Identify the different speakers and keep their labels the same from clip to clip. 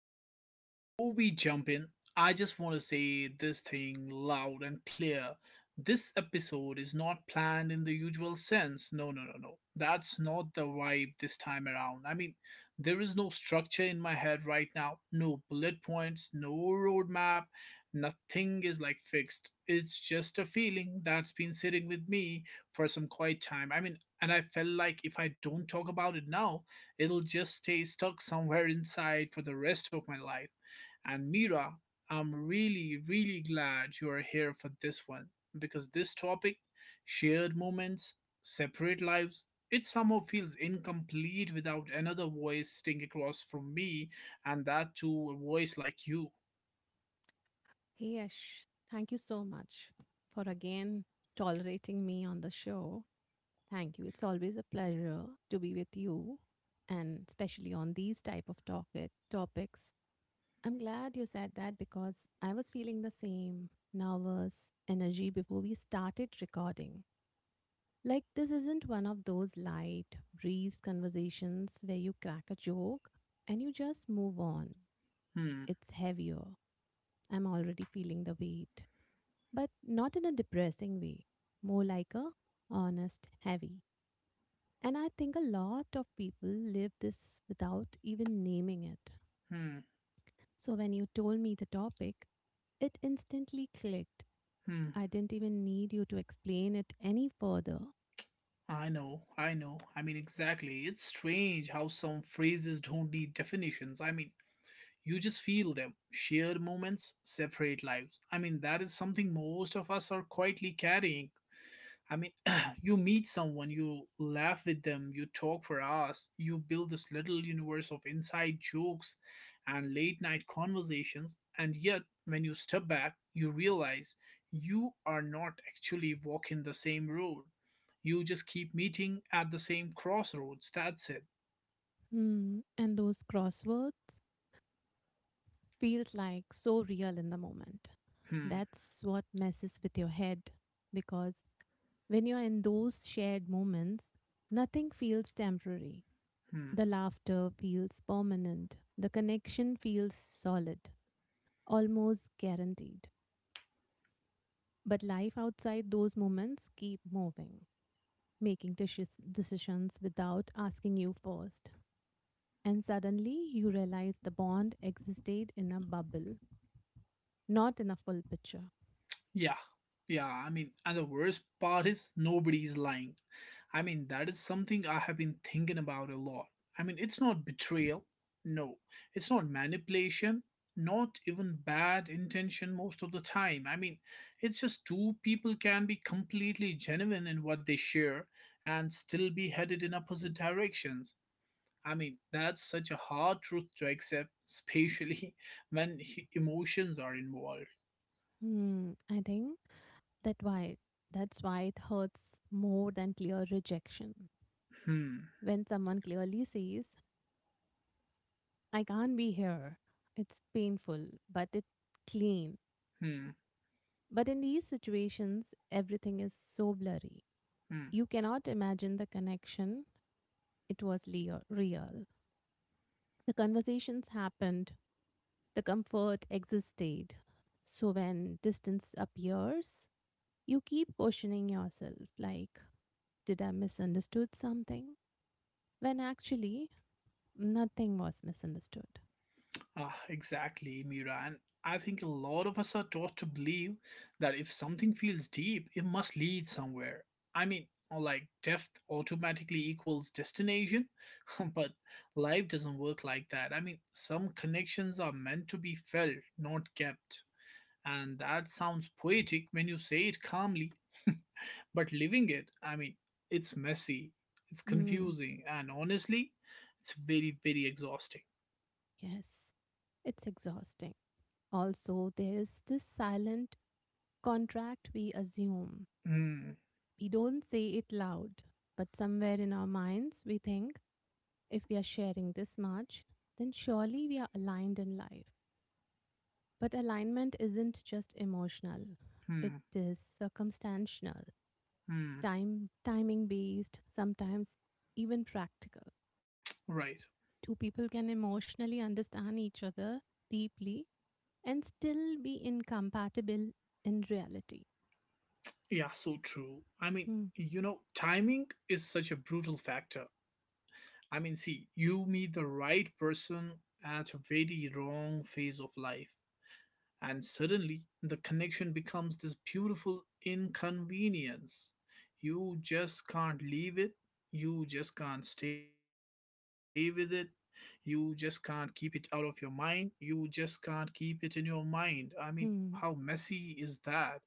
Speaker 1: mean, before we jump in, I just want to say this thing loud and clear. This episode is not planned in the usual sense. No, no, no, no. That's not the vibe this time around. I mean, there is no structure in my head right now, no bullet points, no roadmap, nothing is like fixed. It's just a feeling that's been sitting with me for some quite time. I mean, and I felt like if I don't talk about it now, it'll just stay stuck somewhere inside for the rest of my life. And Mira, I'm really, really glad you are here for this one because this topic, shared moments, separate lives, it somehow feels incomplete without another voice sitting across from me, and that too, a voice like you.
Speaker 2: Hey Yash, thank you so much for again tolerating me on the show. Thank you. It's always a pleasure to be with you and especially on these type of topics. I'm glad you said that because I was feeling the same nervous energy before we started recording. Like this isn't one of those light breeze conversations where you crack a joke and you just move on.
Speaker 1: Hmm,
Speaker 2: It's heavier. I'm already feeling the weight but not in a depressing way, more like a honest, heavy. And I think a lot of people live this without even naming it.
Speaker 1: hmm,
Speaker 2: So when you told me the topic, it instantly clicked.
Speaker 1: hmm.
Speaker 2: I didn't even need you to explain it any further.
Speaker 1: I know, I know. I mean, exactly. It's strange how some phrases don't need definitions. I mean, you just feel them. Shared moments, separate lives, I mean that is something most of us are quietly carrying. I mean, you meet someone, you laugh with them, you talk for hours, you build this little universe of inside jokes and late night conversations. And yet when you step back you realize you are not actually walking the same road. You just keep meeting at the same crossroads. That's it.
Speaker 2: Hmm, and those crosswords feels like so real in the moment.
Speaker 1: Hmm.
Speaker 2: That's what messes with your head because when you're in those shared moments, nothing feels temporary.
Speaker 1: Hmm.
Speaker 2: The laughter feels permanent. The connection feels solid, almost guaranteed. But life outside those moments keep moving, making decisions without asking you first. And suddenly you realize the bond existed in a bubble, not in a full picture.
Speaker 1: Yeah, yeah. I mean, and the worst part is nobody is lying. I mean, that is something I have been thinking about a lot. I mean, it's not betrayal. No, it's not manipulation. Not even bad intention most of the time. I mean, it's just two people can be completely genuine in what they share and still be headed in opposite directions. I mean, that's such a hard truth to accept, especially when emotions are involved.
Speaker 2: Hmm, I think that why that's why it hurts more than clear rejection.
Speaker 1: Hmm,
Speaker 2: When someone clearly says, I can't be here. It's painful, but it's clean.
Speaker 1: hmm.
Speaker 2: But in these situations, everything is so blurry.
Speaker 1: Hmm.
Speaker 2: You cannot imagine the connection. It was real. The conversations happened, the comfort existed. So when distance appears, you keep questioning yourself like, did I misunderstood something? When actually, nothing was misunderstood.
Speaker 1: Ah, exactly, Mira. And I think a lot of us are taught to believe that if something feels deep, it must lead somewhere. I mean, like depth automatically equals destination, but life doesn't work like that. I mean, some connections are meant to be felt, not kept. And that sounds poetic when you say it calmly, but living it, I mean, it's messy, it's
Speaker 2: Hmm.
Speaker 1: confusing, and honestly, it's very, very exhausting.
Speaker 2: Yes, it's exhausting. Also, there is this silent contract we assume.
Speaker 1: Hmm.
Speaker 2: We don't say it loud, but somewhere in our minds, we think if we are sharing this much, then surely we are aligned in life. But alignment isn't just emotional, it
Speaker 1: Hmm.
Speaker 2: is circumstantial,
Speaker 1: Hmm,
Speaker 2: timing based, sometimes even practical.
Speaker 1: right.
Speaker 2: Two people can emotionally understand each other deeply and still be incompatible in reality.
Speaker 1: Yeah, so true. I mean,
Speaker 2: Hmm,
Speaker 1: timing is such a brutal factor. I mean, see, you meet the right person at a very wrong phase of life, and suddenly the connection becomes this beautiful inconvenience. You just can't leave it, you just can't stay with it, you just can't keep it out of your mind, you just can't keep it in your mind. I mean, how
Speaker 2: hmm,
Speaker 1: messy is that?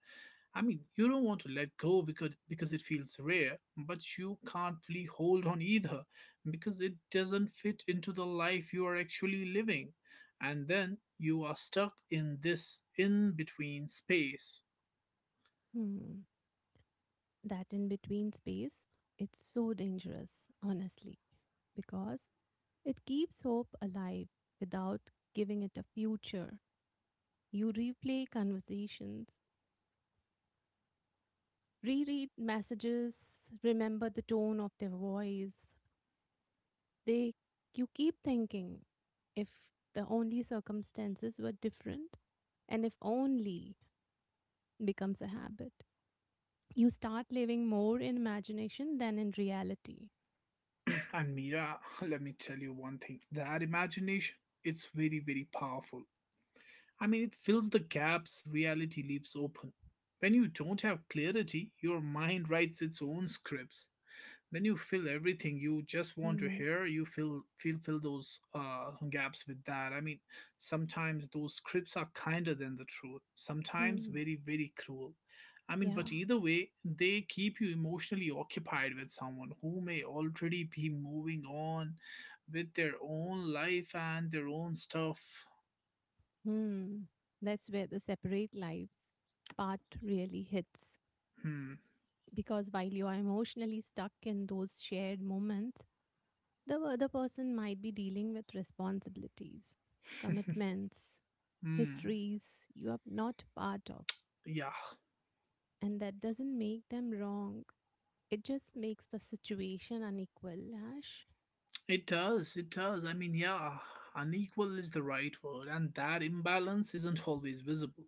Speaker 1: I mean, you don't want to let go because it feels rare, but you can't fully hold on either because it doesn't fit into the life you are actually living. And then you are stuck in this in between space.
Speaker 2: hmm. That in between space, it's so dangerous, honestly, because it keeps hope alive without giving it a future. You replay conversations, reread messages, remember the tone of their voice, they you keep thinking if the only circumstances were different and if only becomes a habit, you start living more in imagination than in reality.
Speaker 1: And Mira, let me tell you one thing. That imagination, it's very very powerful. I mean, it fills the gaps reality leaves open. When you don't have clarity, your mind writes its own scripts. Then you fill everything you just want to
Speaker 2: Hmm,
Speaker 1: hear. You fill fill fill those gaps with that. I mean, sometimes those scripts are kinder than the truth, sometimes
Speaker 2: hmm,
Speaker 1: very very cruel. I mean, but
Speaker 2: yeah,
Speaker 1: either way they keep you emotionally occupied with someone who may already be moving on with their own life and their own stuff.
Speaker 2: hmm, that's where the separate lives part really hits
Speaker 1: Hmm.
Speaker 2: because while you are emotionally stuck in those shared moments, the other person might be dealing with responsibilities, commitments,
Speaker 1: Hmm.
Speaker 2: histories you are not part of,
Speaker 1: Yeah.
Speaker 2: and that doesn't make them wrong. It just makes the situation unequal, Ash.
Speaker 1: It does, it does. I mean, yeah, unequal is the right word, and that imbalance isn't always visible.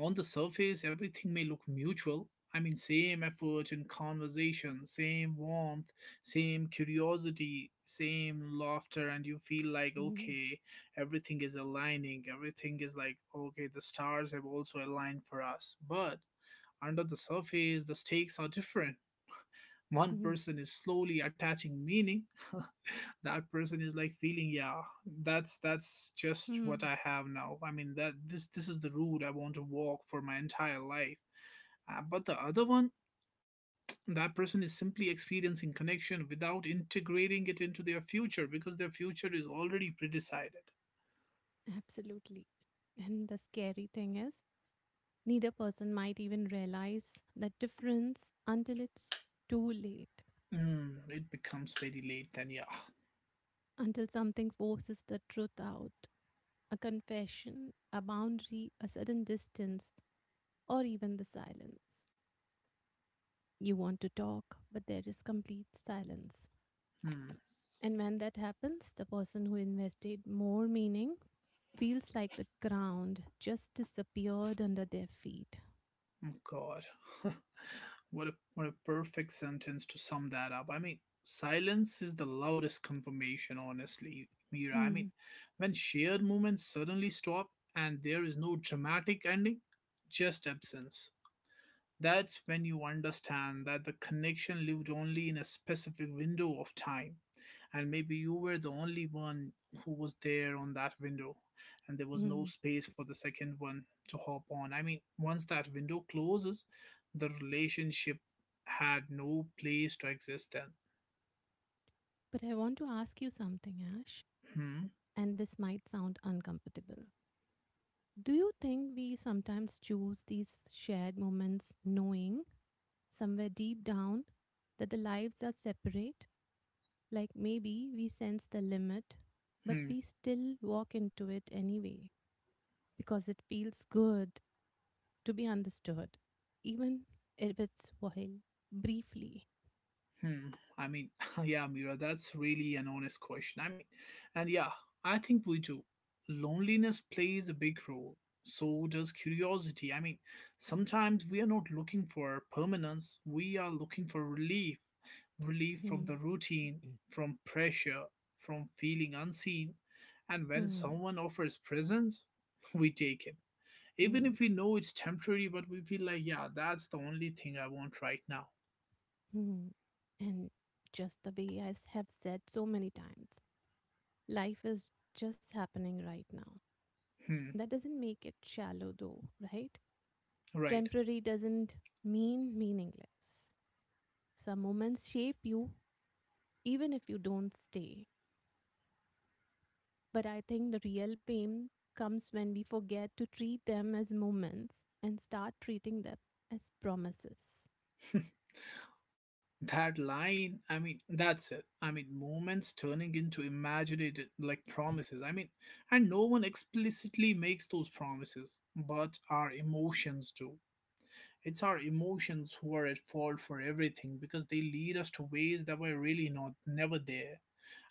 Speaker 1: On the surface, everything may look mutual. I mean, same effort in conversation, same warmth, same curiosity, same laughter, and you feel like,
Speaker 2: Mhm,
Speaker 1: okay, everything is aligning. Everything is like, okay, the stars have also aligned for us. But under the surface, the stakes are different. One
Speaker 2: mhm,
Speaker 1: person is slowly attaching meaning. That person is like feeling, yeah, that's just what
Speaker 2: mhm.
Speaker 1: I have now. I mean, that this is the route I want to walk for my entire life. But the other one, that person is simply experiencing connection without integrating it into their future because their future is already pre-decided.
Speaker 2: Absolutely. And the scary thing is, neither person might even realize that difference until it's too late,
Speaker 1: Hmm, it becomes very late then, yeah.
Speaker 2: until something forces the truth out. A confession, a boundary, a sudden distance or even the silence. You want to talk, but there is complete silence.
Speaker 1: Hmm.
Speaker 2: And when that happens, the person who invested more meaning feels like the ground just disappeared under their feet.
Speaker 1: Oh, God, what a perfect sentence to sum that up. I mean, silence is the loudest confirmation, honestly, Mira. I mean,
Speaker 2: Hmm.
Speaker 1: when shared moments suddenly stop and there is no dramatic ending, just absence. That's when you understand that the connection lived only in a specific window of time. And maybe you were the only one who was there on that window, and there was
Speaker 2: Hmm.
Speaker 1: no space for the second one to hop on. I mean, once that window closes, the relationship had no place to exist then.
Speaker 2: But I want to ask you something, Ash,
Speaker 1: Hmm.
Speaker 2: and this might sound uncomfortable. Do you think we sometimes choose these shared moments knowing somewhere deep down that the lives are separate? Like maybe we sense the limit, but
Speaker 1: Hmm.
Speaker 2: we still walk into it anyway because it feels good to be understood, even if it's while briefly.
Speaker 1: Hmm. I mean, yeah, Mira, that's really an honest question. I mean, and yeah, I think we do. Loneliness plays a big role. So does curiosity. I mean, sometimes we are not looking for permanence, we are looking for relief. Relief from
Speaker 2: Hmm,
Speaker 1: the routine, from pressure, from feeling unseen. And when
Speaker 2: hmm,
Speaker 1: someone offers presence, we take it. Even
Speaker 2: hmm,
Speaker 1: if we know it's temporary, but we feel like, yeah, that's the only thing I want right now.
Speaker 2: hmm. And just the way have said so many times, life is just happening right now.
Speaker 1: Hmm,
Speaker 2: That doesn't make it shallow though, right?
Speaker 1: right.
Speaker 2: Temporary doesn't mean meaningless. Some moments shape you even if you don't stay. But I think the real pain comes when we forget to treat them as moments and start treating them as promises.
Speaker 1: That line, I mean, that's it. I mean, moments turning into imagined like promises. I mean, and no one explicitly makes those promises, but our emotions do. It's our emotions who are at fault for everything because they lead us to ways that were really not never there.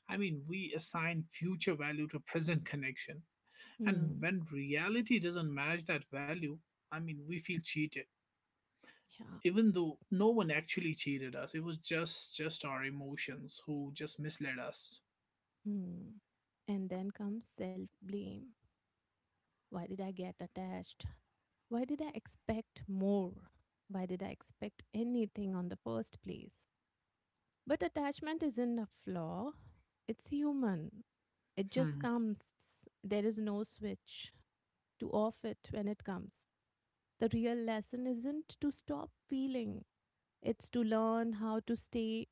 Speaker 1: I mean, we assign future value to present connection, and
Speaker 2: Hmm.
Speaker 1: when reality doesn't match that value, I mean, we feel cheated
Speaker 2: Yeah.
Speaker 1: even though no one actually cheated us. It was just our emotions who just misled us.
Speaker 2: Hmm. And then comes self blame. Why did I get attached? Why did I expect more? Why did I expect anything on the first place? But attachment isn't a flaw, it's human. It just
Speaker 1: Hmm.
Speaker 2: comes. There is no switch to off it when it comes. The real lesson isn't to stop feeling, it's to learn how to stay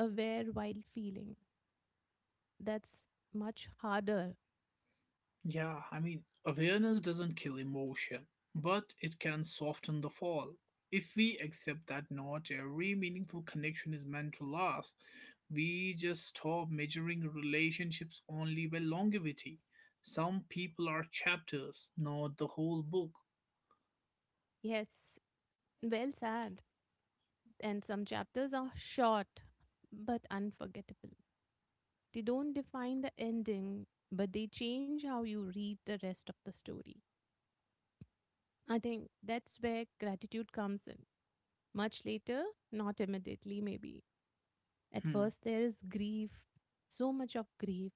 Speaker 2: aware while feeling. That's much harder.
Speaker 1: Yeah, I mean awareness doesn't kill emotion, but it can soften the fall. If we accept that not every meaningful connection is meant to last, we just stop measuring relationships only by longevity. Some people are chapters, not the whole book.
Speaker 2: Yes, well said. And some chapters are short but unforgettable. They don't define the ending, but they change how you read the rest of the story. I think that's where gratitude comes in. Much later, not immediately, maybe. At
Speaker 1: Hmm.
Speaker 2: first, there is grief, so much of grief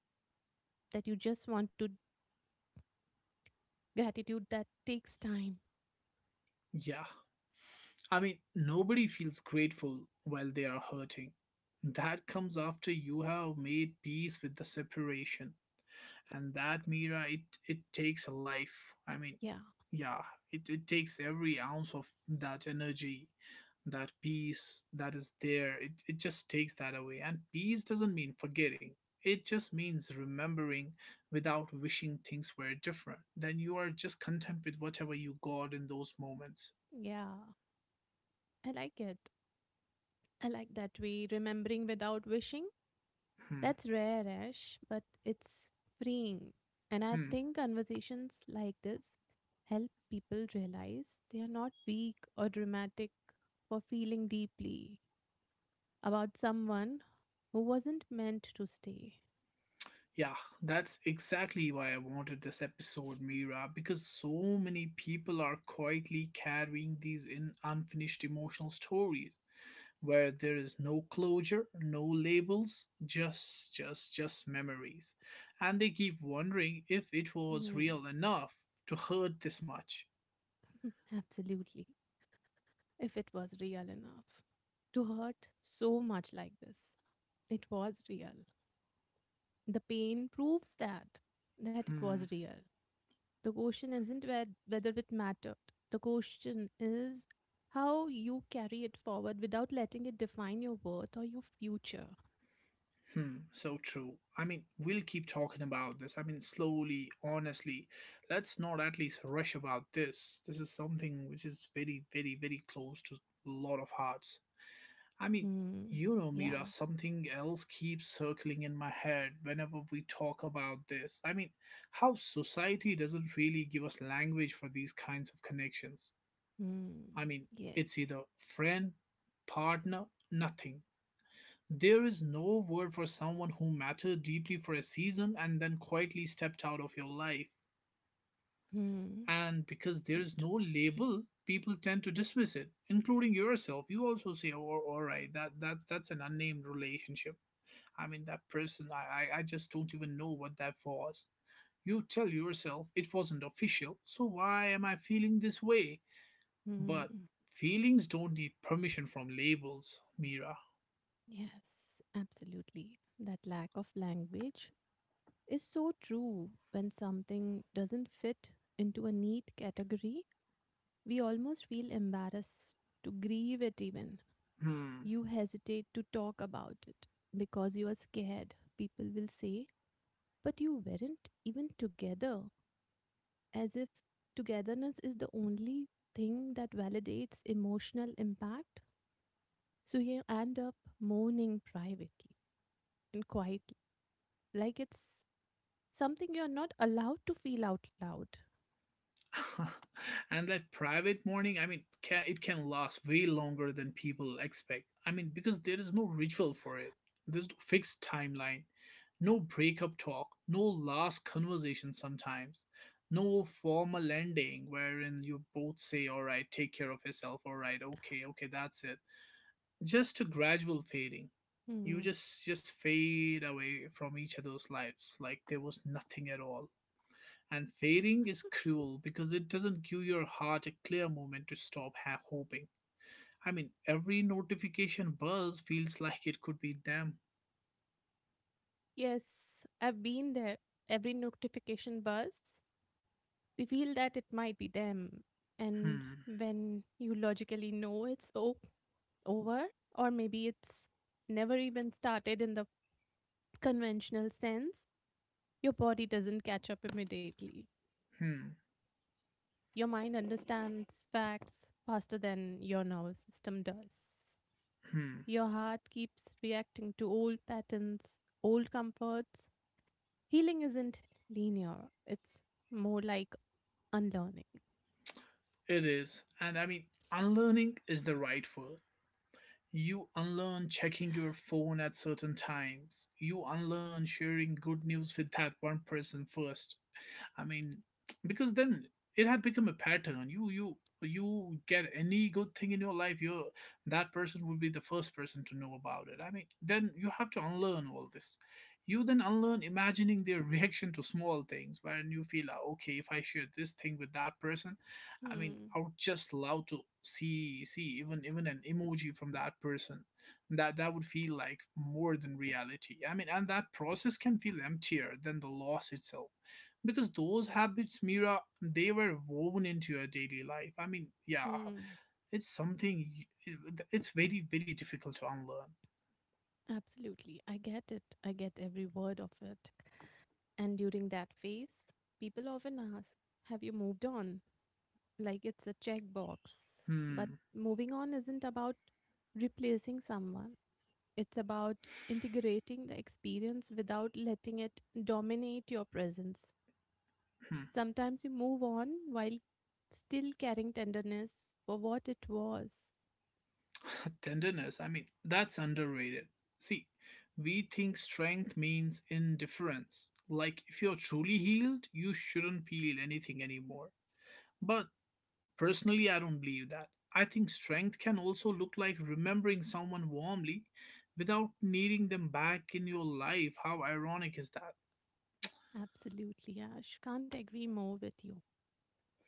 Speaker 2: that you just want to Gratitude that takes time.
Speaker 1: Yeah, I mean, nobody feels grateful while they are hurting. That comes after you have made peace with the separation. And that, Mira, it takes a life. I mean,
Speaker 2: Yeah,
Speaker 1: yeah, it takes every ounce of that energy, that peace that is there. It just takes that away. And peace doesn't mean forgetting, it just means remembering without wishing things were different. Then you are just content with whatever you got in those moments.
Speaker 2: yeah. I like it. I like that way. Remembering without wishing.
Speaker 1: Hmm.
Speaker 2: That's rare, Ash, but it's freeing. And I
Speaker 1: Hmm.
Speaker 2: think conversations like this help people realize they are not weak or dramatic for feeling deeply about someone who wasn't meant to stay.
Speaker 1: Yeah, that's exactly why I wanted this episode, Mira, because so many people are quietly carrying these in unfinished emotional stories where there is no closure, no labels, just memories. And they keep wondering if it was
Speaker 2: Mhm,
Speaker 1: real enough to hurt this much.
Speaker 2: absolutely. If it was real enough to hurt so much like this, it was real. The pain proves that it
Speaker 1: Hmm.
Speaker 2: was real. The question isn't whether it mattered. The question is how you carry it forward without letting it define your worth or your future.
Speaker 1: Hmm, so true. I mean, we'll keep talking about this. I mean, slowly, honestly. Let's not at least rush about this. This is something which is very, very, very close to a lot of hearts. I mean,
Speaker 2: Hmm.
Speaker 1: Mira,
Speaker 2: Yeah.
Speaker 1: something else keeps circling in my head whenever we talk about this. I mean, how society doesn't really give us language for these kinds of connections.
Speaker 2: Hmm.
Speaker 1: I mean, it's
Speaker 2: Yes.
Speaker 1: either friend, partner, nothing. There is no word for someone who mattered deeply for a season and then quietly stepped out of your life.
Speaker 2: Hmm.
Speaker 1: And because there
Speaker 2: Very
Speaker 1: is
Speaker 2: true.
Speaker 1: no label, people tend to dismiss it, including yourself. You also say, "Oh, all right, that's an unnamed relationship." I mean, that person, I just don't even know what that was. You tell yourself it wasn't official, so why am I feeling this way?
Speaker 2: Hmm.
Speaker 1: But feelings don't need permission from labels, Mira.
Speaker 2: Yes. Absolutely. That lack of language is so true when something doesn't fit into a neat category. We almost feel embarrassed to grieve it, even.
Speaker 1: Hmm.
Speaker 2: You hesitate to talk about it because you are scared, people will say. But you weren't even together, as if togetherness is the only thing that validates emotional impact. So you end up mourning privately and quietly, like it's something you're not allowed to feel out loud.
Speaker 1: And that private mourning, I mean it can last way longer than people expect. I mean, because there is no ritual for it, there's no fixed timeline, no breakup talk, no last conversation, sometimes no formal ending wherein you both say, all right, take care of yourself, all right, okay, okay, that's it. Just a gradual fading. You
Speaker 2: Hmm.
Speaker 1: just fade away from each other's lives like there was nothing at all. And failing is cruel because it doesn't give your heart a clear moment to stop hoping. I mean, every notification buzz feels like it could be them.
Speaker 2: Yes, I've been there. Every notification buzz, we feel that it might be them. And
Speaker 1: Hmm,
Speaker 2: when you logically know it's over, or maybe it's never even started in the conventional sense, your body doesn't catch up immediately.
Speaker 1: hmm,
Speaker 2: Your mind understands facts faster than your nervous system does.
Speaker 1: hmm.
Speaker 2: Your heart keeps reacting to old patterns, old comforts. Healing isn't linear, it's more like unlearning.
Speaker 1: It is. And I mean, unlearning is the right word. You unlearn checking your phone at certain times. You unlearn sharing good news with that one person first. I mean, because then it had become a pattern. You get any good thing in your life, you're that person would be the first person to know about it. I mean, then you have to unlearn all this. You then unlearn imagining their reaction to small things, wherein you feel, "Ah, okay, if I share this thing with that person,
Speaker 2: Hmm.
Speaker 1: I would just love to see even an emoji from that person. That would feel like more than reality. And that process can feel emptier than the loss itself because those habits, Mira, they were woven into your daily life. Yeah,
Speaker 2: Hmm.
Speaker 1: it's something it's very difficult to unlearn.
Speaker 2: Absolutely. I get it. I get every word of it. And during that phase, people often ask, have you moved on? Like it's a checkbox. But
Speaker 1: Hmm,
Speaker 2: moving on isn't about replacing someone, it's about integrating the experience without letting it dominate your presence. Sometimes you move on while still carrying tenderness for what it was.
Speaker 1: hmm. Tenderness, that's underrated. See, we think strength means indifference, like if you're truly healed you shouldn't feel anything anymore, but personally, I don't believe that. I think strength can also look like remembering someone warmly without needing them back in your life. How ironic is that?
Speaker 2: Absolutely, Ash. Can't agree more with you.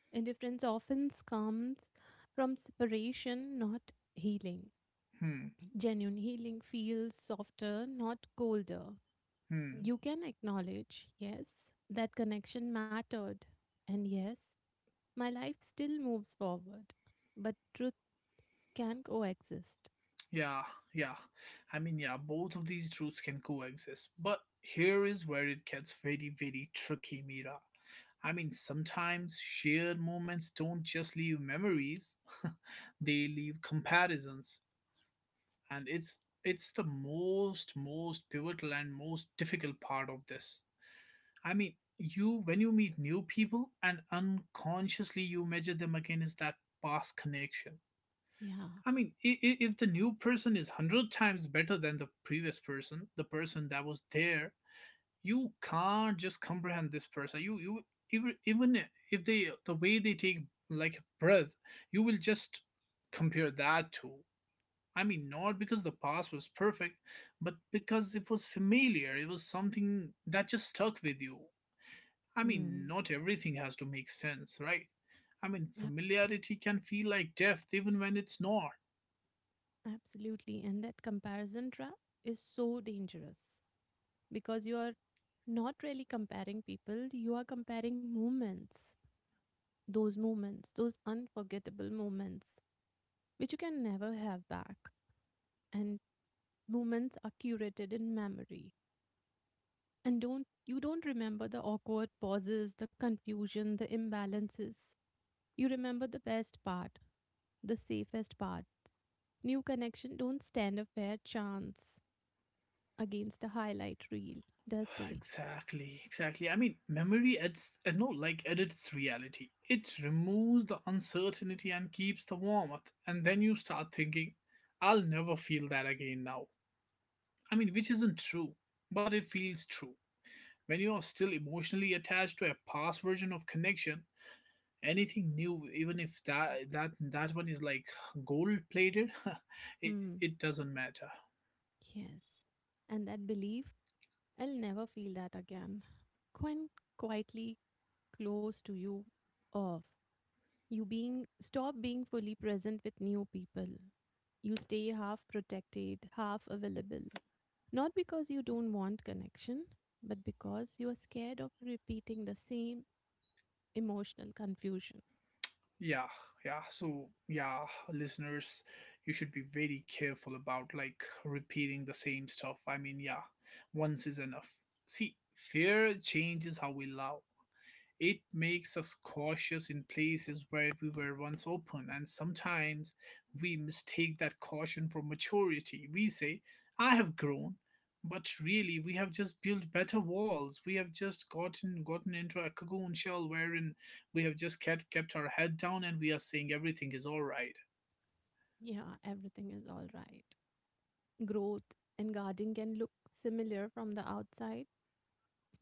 Speaker 2: Indifference often comes from separation, not healing.
Speaker 1: Hmm,
Speaker 2: Genuine healing feels softer, not colder.
Speaker 1: hmm.
Speaker 2: You can acknowledge, yes, that connection mattered. And yes, my life still moves forward. But truth can coexist.
Speaker 1: Yeah, yeah. Yeah, both of these truths can coexist. But here is where it gets very, very tricky, Mira. Sometimes shared moments don't just leave memories, they leave comparisons. And it's the most pivotal and most difficult part of this. You, when you meet new people, and unconsciously you measure them against that past connection.
Speaker 2: Yeah.
Speaker 1: If the new person is 100 times better than the previous person, the person that was there, you can't just comprehend this person. You even if they, the way they take like a breath, you will just compare that to— not because the past was perfect, but because it was familiar. It was something that just stuck with you.
Speaker 2: Hmm.
Speaker 1: Not everything has to make sense, right?
Speaker 2: Absolutely.
Speaker 1: Familiarity can feel like depth even when it's not.
Speaker 2: Absolutely. And that comparison trap is so dangerous because you are not really comparing people, you are comparing moments, those moments, those unforgettable moments, which you can never have back. And moments are curated in memory. And don't you don't remember the awkward pauses, the confusion, the imbalances. You remember the best part, the safest part. New connection don't stand a fair chance against a highlight reel, does they?
Speaker 1: Exactly, exactly. Memory adds, no, like edits reality. It removes the uncertainty and keeps the warmth. And then you start thinking, I'll never feel that again now. Which isn't true, but it feels true. When you are still emotionally attached to a past version of connection, anything new, even if that one is like gold plated, it
Speaker 2: Hmm.
Speaker 1: it doesn't matter.
Speaker 2: Yes. And that belief, I'll never feel that again. Quite quietly close to you off. You being stop being fully present with new people. You stay half protected, half available. Not because you don't want connection, but because you are scared of repeating the same emotional confusion.
Speaker 1: Yeah, yeah. So yeah, listeners, you should be very careful about like repeating the same stuff. Yeah, once is enough. See, fear changes how we love. It makes us cautious in places where we were once open, and sometimes we mistake that caution for maturity. We say, I have grown, but really we have just built better walls. We have just gotten into a cocoon shell, wherein we have just kept our head down and we are saying everything is alright.
Speaker 2: Yeah, everything is all right. Growth and guarding can look similar from the outside,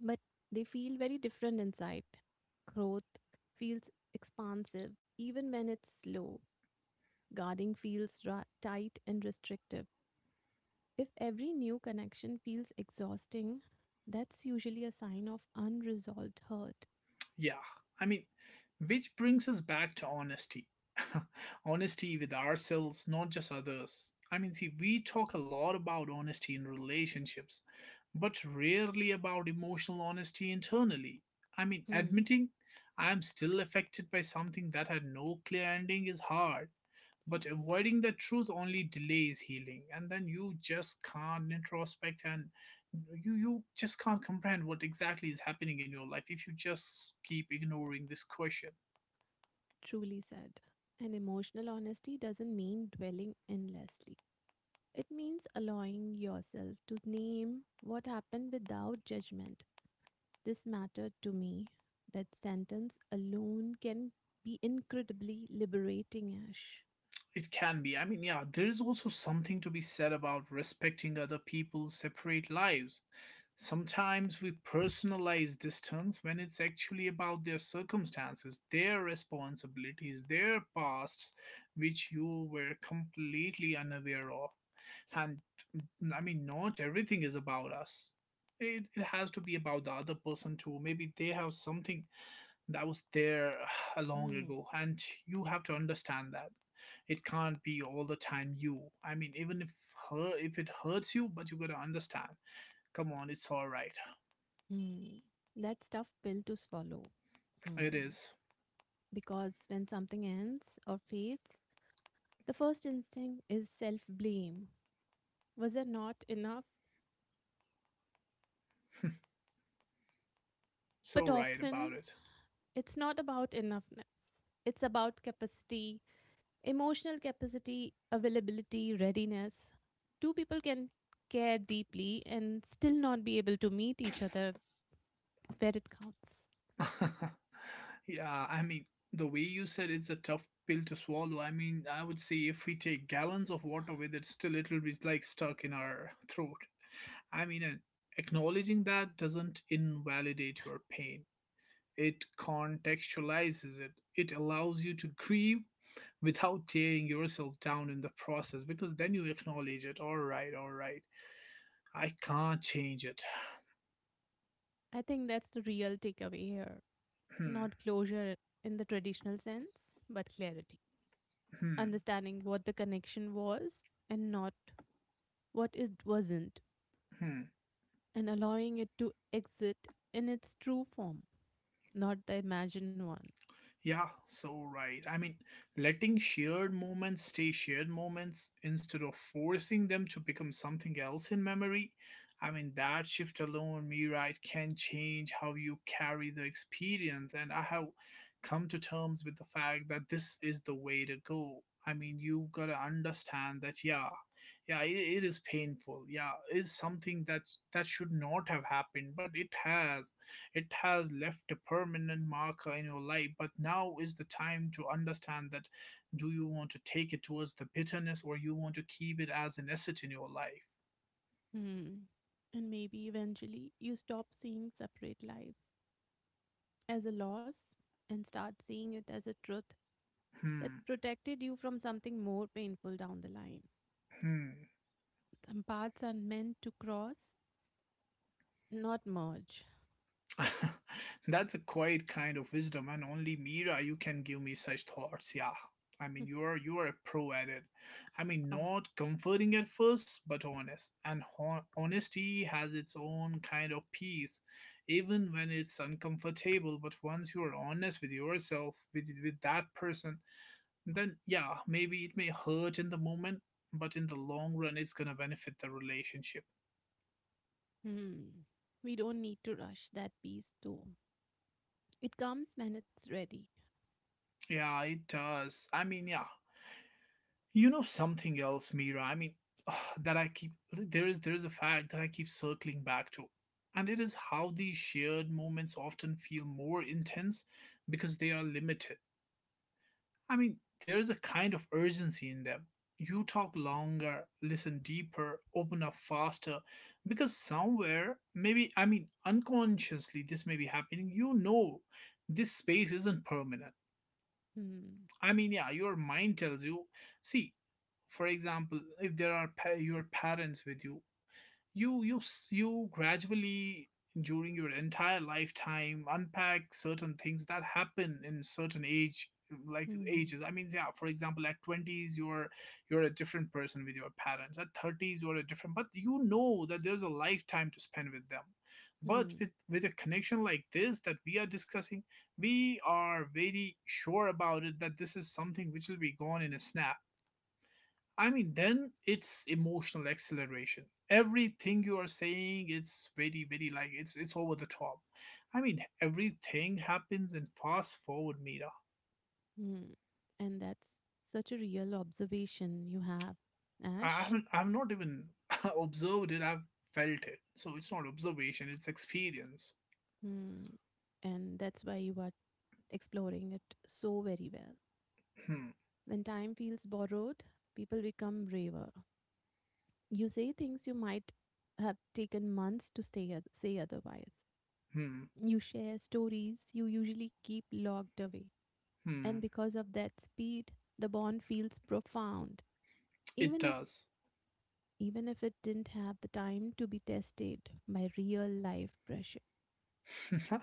Speaker 2: but they feel very different inside. Growth feels expansive even when it's slow. Guarding feels tight and restrictive. If every new connection feels exhausting, that's usually a sign of unresolved hurt.
Speaker 1: Yeah, I mean, which brings us back to honesty. Honesty with ourselves, not just others. See, we talk a lot about honesty in relationships, but rarely about emotional honesty internally.
Speaker 2: Hmm.
Speaker 1: Admitting I'm still affected by something that had no clear ending is hard. But
Speaker 2: Yes,
Speaker 1: avoiding the truth only delays healing, and then you just can't introspect, and you just can't comprehend what exactly is happening in your life if you just keep ignoring this question.
Speaker 2: truly said. And emotional honesty doesn't mean dwelling endlessly. It means allowing yourself to name what happened without judgment. This mattered to me. That sentence alone can be incredibly liberating, Ash.
Speaker 1: It can be. Yeah, there is also something to be said about respecting other people's separate lives. Sometimes we personalize distance when it's actually about their circumstances, their responsibilities, their pasts, which you were completely unaware of. And not everything is about us. It has to be about the other person too. Maybe they have something that was there a long
Speaker 2: Hmm.
Speaker 1: ago, and you have to understand that it can't be all the time you. Even if her if it hurts you, but you gotta understand. Come on, it's all right.
Speaker 2: Hmm. That's tough pill to swallow.
Speaker 1: It
Speaker 2: Hmm.
Speaker 1: is,
Speaker 2: Because when something ends or fades, the first instinct is self blame. Was I not enough?
Speaker 1: so
Speaker 2: But
Speaker 1: right
Speaker 2: often
Speaker 1: about it.
Speaker 2: it's not about enoughness, it's about capacity, emotional capacity, availability, readiness. Two people can care deeply and still not be able to meet each other where it counts.
Speaker 1: Yeah, the way you said, it's a tough pill to swallow. I would say if we take gallons of water with it, still it'll be like stuck in our throat. And acknowledging that doesn't invalidate your pain, it contextualizes it. It allows you to grieve without tearing yourself down in the process, because then you acknowledge it. All right, all right. I can't change it.
Speaker 2: I think that's the real takeaway here. Not closure in the traditional sense, but clarity.
Speaker 1: Hmm, hmm,
Speaker 2: Understanding what the connection was and not what it wasn't
Speaker 1: hmm.
Speaker 2: and allowing it to exit in its true form, not the imagined one.
Speaker 1: Yeah, so right. Letting shared moments stay shared moments instead of forcing them to become something else in memory. That shift alone, me right, can change how you carry the experience. And I have come to terms with the fact that this is the way to go. You gotta understand that, yeah, yeah, it is painful. Yeah, is something that should not have happened, but it has, it has left a permanent marker in your life, but now is the time to understand that, do you want to take it towards the bitterness or you want to keep it as an asset in your life?
Speaker 2: Hmm. And maybe eventually you stop seeing separate lives as a loss and start seeing it as a truth that
Speaker 1: Hmm,
Speaker 2: protected you from something more painful down the line.
Speaker 1: hmm.
Speaker 2: Some paths are meant to cross, not merge.
Speaker 1: That's a quiet kind of wisdom, and only Mira, you can give me such thoughts. Yeah, you are a pro at it.
Speaker 2: Ah,
Speaker 1: Not comforting at first, but honest, and honesty has its own kind of peace, even when it's uncomfortable. But once you are honest with yourself, with that person, then yeah, maybe it may hurt in the moment, but in the long run, it's gonna benefit the relationship.
Speaker 2: hmm. We don't need to rush that piece though. It comes when it's ready.
Speaker 1: Yeah, it does. Yeah, you know something else, Mira. That I keep there is, there is a fact that I keep circling back to, and it is how these shared moments often feel more intense because they are limited. There is a kind of urgency in them. You talk longer, listen deeper, open up faster, because somewhere, maybe, unconsciously, this may be happening. You know, this space isn't permanent.
Speaker 2: Hmm.
Speaker 1: Yeah, your mind tells you. See, for example, if there are your parents with you, you gradually, during your entire lifetime, unpack certain things that happen in certain age like
Speaker 2: Hmm.
Speaker 1: ages. Yeah, for example, at 20s you're a different person with your parents, at 30s you're a different, but you know that there's a lifetime to spend with them. But
Speaker 2: Hmm.
Speaker 1: with a connection like this that we are discussing, we are very sure about it that this is something which will be gone in a snap. Then it's emotional acceleration. Everything you are saying, it's very, very like it's over the top. Everything happens in fast forward, Mira.
Speaker 2: Hmm. And that's such a real observation you have,
Speaker 1: I
Speaker 2: Ash.
Speaker 1: haven't, I've not even observed it. I've felt it. So it's not observation. It's experience.
Speaker 2: Hmm. And that's why you are exploring it so very well.
Speaker 1: Hmm.
Speaker 2: When time feels borrowed, people become braver. You say things you might have taken months to say otherwise.
Speaker 1: Hmm.
Speaker 2: You share stories you usually keep locked away.
Speaker 1: Hmm.
Speaker 2: And because of that speed, the bond feels profound,
Speaker 1: It
Speaker 2: even if
Speaker 1: does.
Speaker 2: even if it didn't have the time to be tested by real life pressure.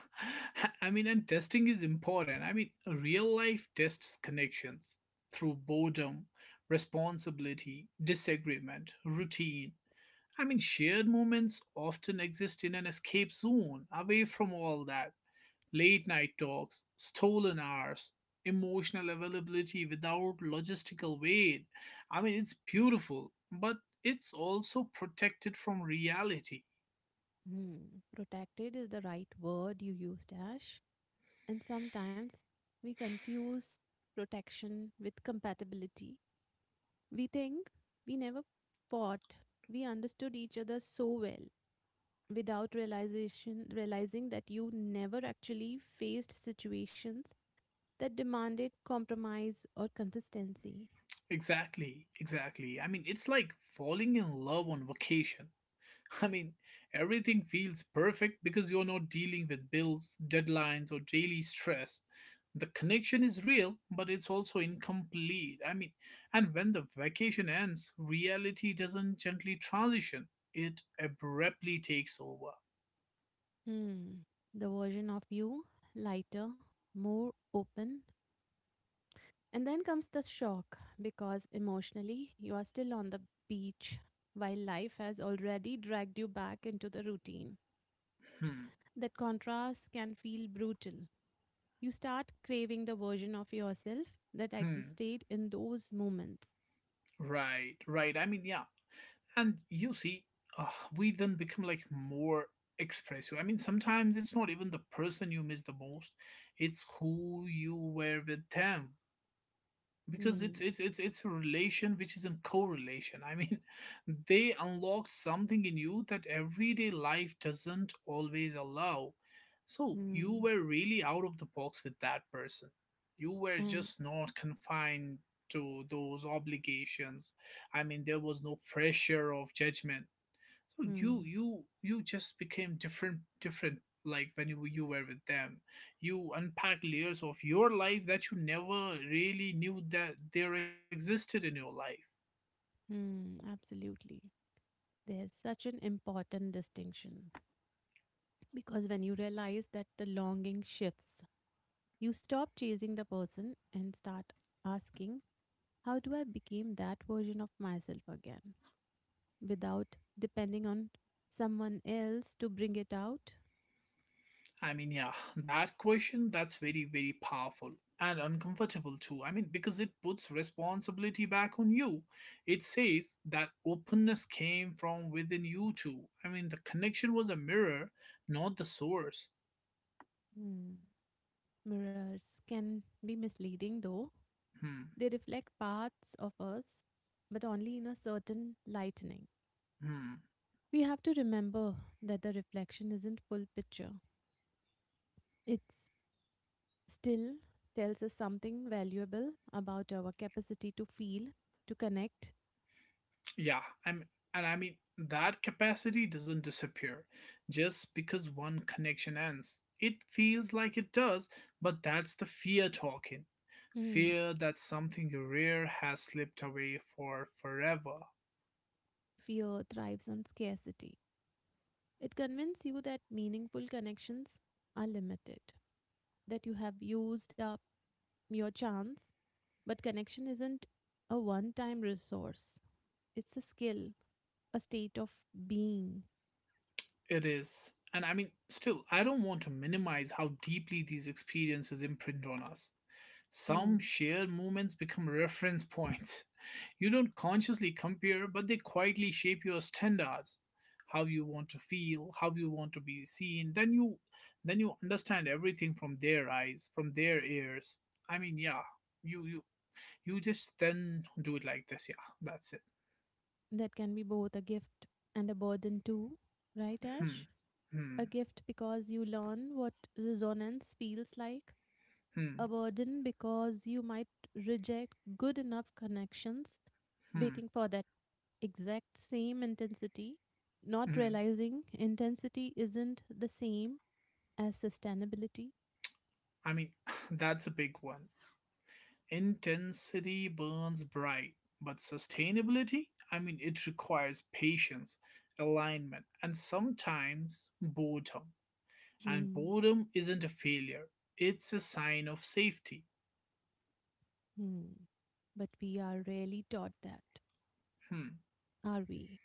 Speaker 1: and testing is important. Real life tests connections through boredom, responsibility, disagreement, routine. Shared moments often exist in an escape zone, away from all that. Late night talks, stolen hours, emotional availability without logistical weight. It's beautiful, but it's also protected from reality.
Speaker 2: Hmm, protected is the right word you used, Ash. And sometimes we confuse protection with compatibility. We think we never fought. We understood each other so well without realization realizing that you never actually faced situations that demanded compromise or consistency.
Speaker 1: Exactly, exactly. It's like falling in love on vacation. I mean, everything feels perfect because you're not dealing with bills, deadlines, or daily stress. The connection is real, but it's also incomplete. And when the vacation ends, reality doesn't gently transition, it abruptly takes over.
Speaker 2: Hmm. The version of you, lighter, more open. And then comes the shock because emotionally you are still on the beach while life has already dragged you back into the routine.
Speaker 1: Hmm,
Speaker 2: That contrast can feel brutal. You start craving the version of yourself that
Speaker 1: hmm,
Speaker 2: existed in those moments.
Speaker 1: right, right. Yeah. And you see, uh, we then become like more expressive. Sometimes it's not even the person you miss the most, it's who you were with them, because it's
Speaker 2: Hmm.
Speaker 1: it's it's it's a relation which is a correlation. They unlock something in you that everyday life doesn't always allow. So you
Speaker 2: Hmm.
Speaker 1: were really out of the box with that person. You were
Speaker 2: And
Speaker 1: just not confined to those obligations. There was no pressure of judgment, so you
Speaker 2: hmm.
Speaker 1: you you just became different, like when you were with them. You unpack layers of your life that you never really knew that there existed in your life.
Speaker 2: Hmm. Absolutely. There's such an important distinction because when you realize that the longing shifts, you stop chasing the person and start asking, how do I become that version of myself again? Without depending on someone else to bring it out.
Speaker 1: Yeah, that question, that's very, very powerful and uncomfortable too. Because it puts responsibility back on you. It says that openness came from within you too. The connection was a mirror, not the source.
Speaker 2: Hmm. Mirrors can be misleading though,
Speaker 1: Hmm.
Speaker 2: they reflect parts of us, but only in a certain lightening.
Speaker 1: Hmm.
Speaker 2: We have to remember that the reflection isn't full picture. It's still tells us something valuable about our capacity to feel, to connect.
Speaker 1: Yeah, and that capacity doesn't disappear just because one connection ends. It feels like it does, but that's the fear talking.
Speaker 2: Hmm.
Speaker 1: Fear that something rare has slipped away for forever.
Speaker 2: Fear thrives on scarcity. It convinces you that meaningful connections are limited, that you have used up your chance, but connection isn't a one time resource, it's a skill, a state of being.
Speaker 1: It is. And still, I don't want to minimize how deeply these experiences imprint on us. Some
Speaker 2: Hmm,
Speaker 1: shared moments become reference points. You don't consciously compare, but they quietly shape your standards. How you want to feel, how you want to be seen, then you understand everything from their eyes, from their ears. Yeah, you you just then do it like this, yeah. That's it.
Speaker 2: that can be both a gift and a burden, too. Right, Ash?
Speaker 1: Hmm. Hmm.
Speaker 2: A gift because you learn what resonance feels like, a
Speaker 1: Hmm.
Speaker 2: burden because you might reject good enough connections,
Speaker 1: Hmm.
Speaker 2: waiting for that exact same intensity, not
Speaker 1: Hmm.
Speaker 2: realizing intensity isn't the same as sustainability.
Speaker 1: I mean, that's a big one. Intensity burns bright, but sustainability, it requires patience, alignment, and sometimes boredom. And
Speaker 2: Hmm,
Speaker 1: boredom isn't a failure, it's a sign of safety.
Speaker 2: hmm. But we are rarely taught that,
Speaker 1: Hmm,
Speaker 2: are we?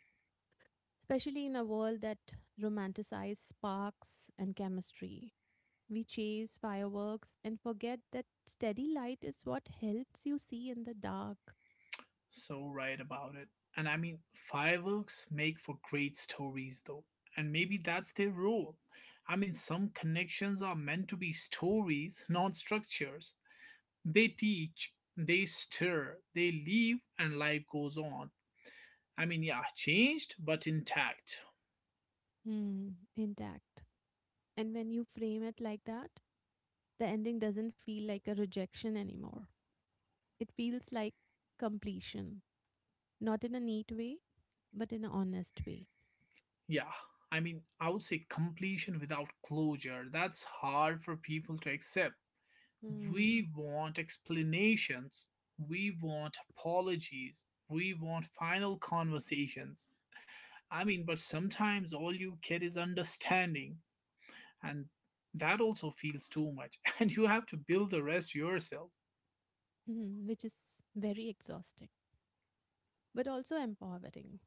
Speaker 2: Especially in a world that romanticizes sparks and chemistry. We chase fireworks and forget that steady light is what helps you see in the dark.
Speaker 1: so right about it. And I mean, fireworks make for great stories, though, and maybe that's their role. I mean, some connections are meant to be stories, not structures. They teach, they stir, they leave, and life goes on. I mean, yeah, changed but intact.
Speaker 2: Hmm. Intact. And when you frame it like that, the ending doesn't feel like a rejection anymore. It feels like completion, not in a neat way, but in an honest way.
Speaker 1: Yeah. I mean, I would say completion without closure. That's hard for people to accept.
Speaker 2: Hmm.
Speaker 1: We want explanations. We want apologies. We want final conversations. I mean, but sometimes all you get is understanding, and that also feels too much. And you have to build the rest yourself.
Speaker 2: Mhm, which is very exhausting, but also empowering.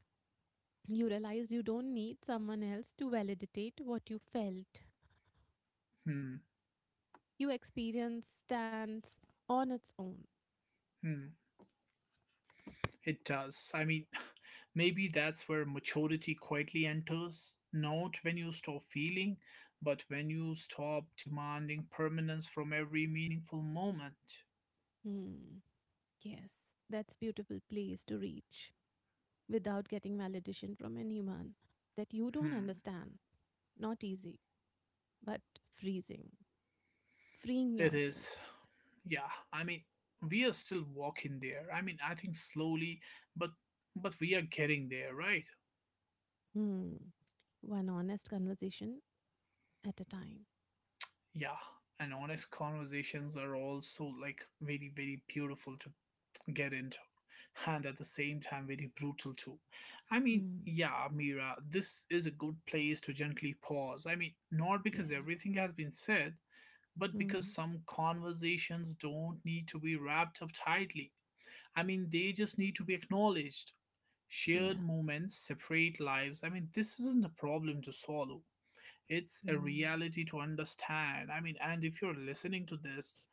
Speaker 2: You realize you don't need someone else to validate what you felt.
Speaker 1: Hmm.
Speaker 2: Your experience stands on its own.
Speaker 1: Hmm. It does. I mean, maybe that's where maturity quietly enters. Not when you stop feeling, but when you stop demanding permanence from every meaningful moment.
Speaker 2: Hmm. Yes, that's beautiful place to reach without getting validation from anyone that you don't
Speaker 1: Hmm.
Speaker 2: understand. Not easy, but freezing, freeing
Speaker 1: It
Speaker 2: yourself.
Speaker 1: is. Yeah. I mean, we are still walking there. I mean, I think slowly, but we are getting there, right?
Speaker 2: Hmm. One honest conversation at a time.
Speaker 1: Yeah. And honest conversations are also like very beautiful to get into, and at the same time very brutal too. I mean,
Speaker 2: Hmm.
Speaker 1: yeah, Mira, this is a good place to gently pause. I mean, not because
Speaker 2: Yeah.
Speaker 1: everything has been said, but because
Speaker 2: Hmm.
Speaker 1: some conversations don't need to be wrapped up tightly. I mean, they just need to be acknowledged. Shared
Speaker 2: Yeah.
Speaker 1: moments, separate lives. I mean, this isn't a problem to swallow. It's a
Speaker 2: Hmm.
Speaker 1: reality to understand. I mean, and if you're listening to this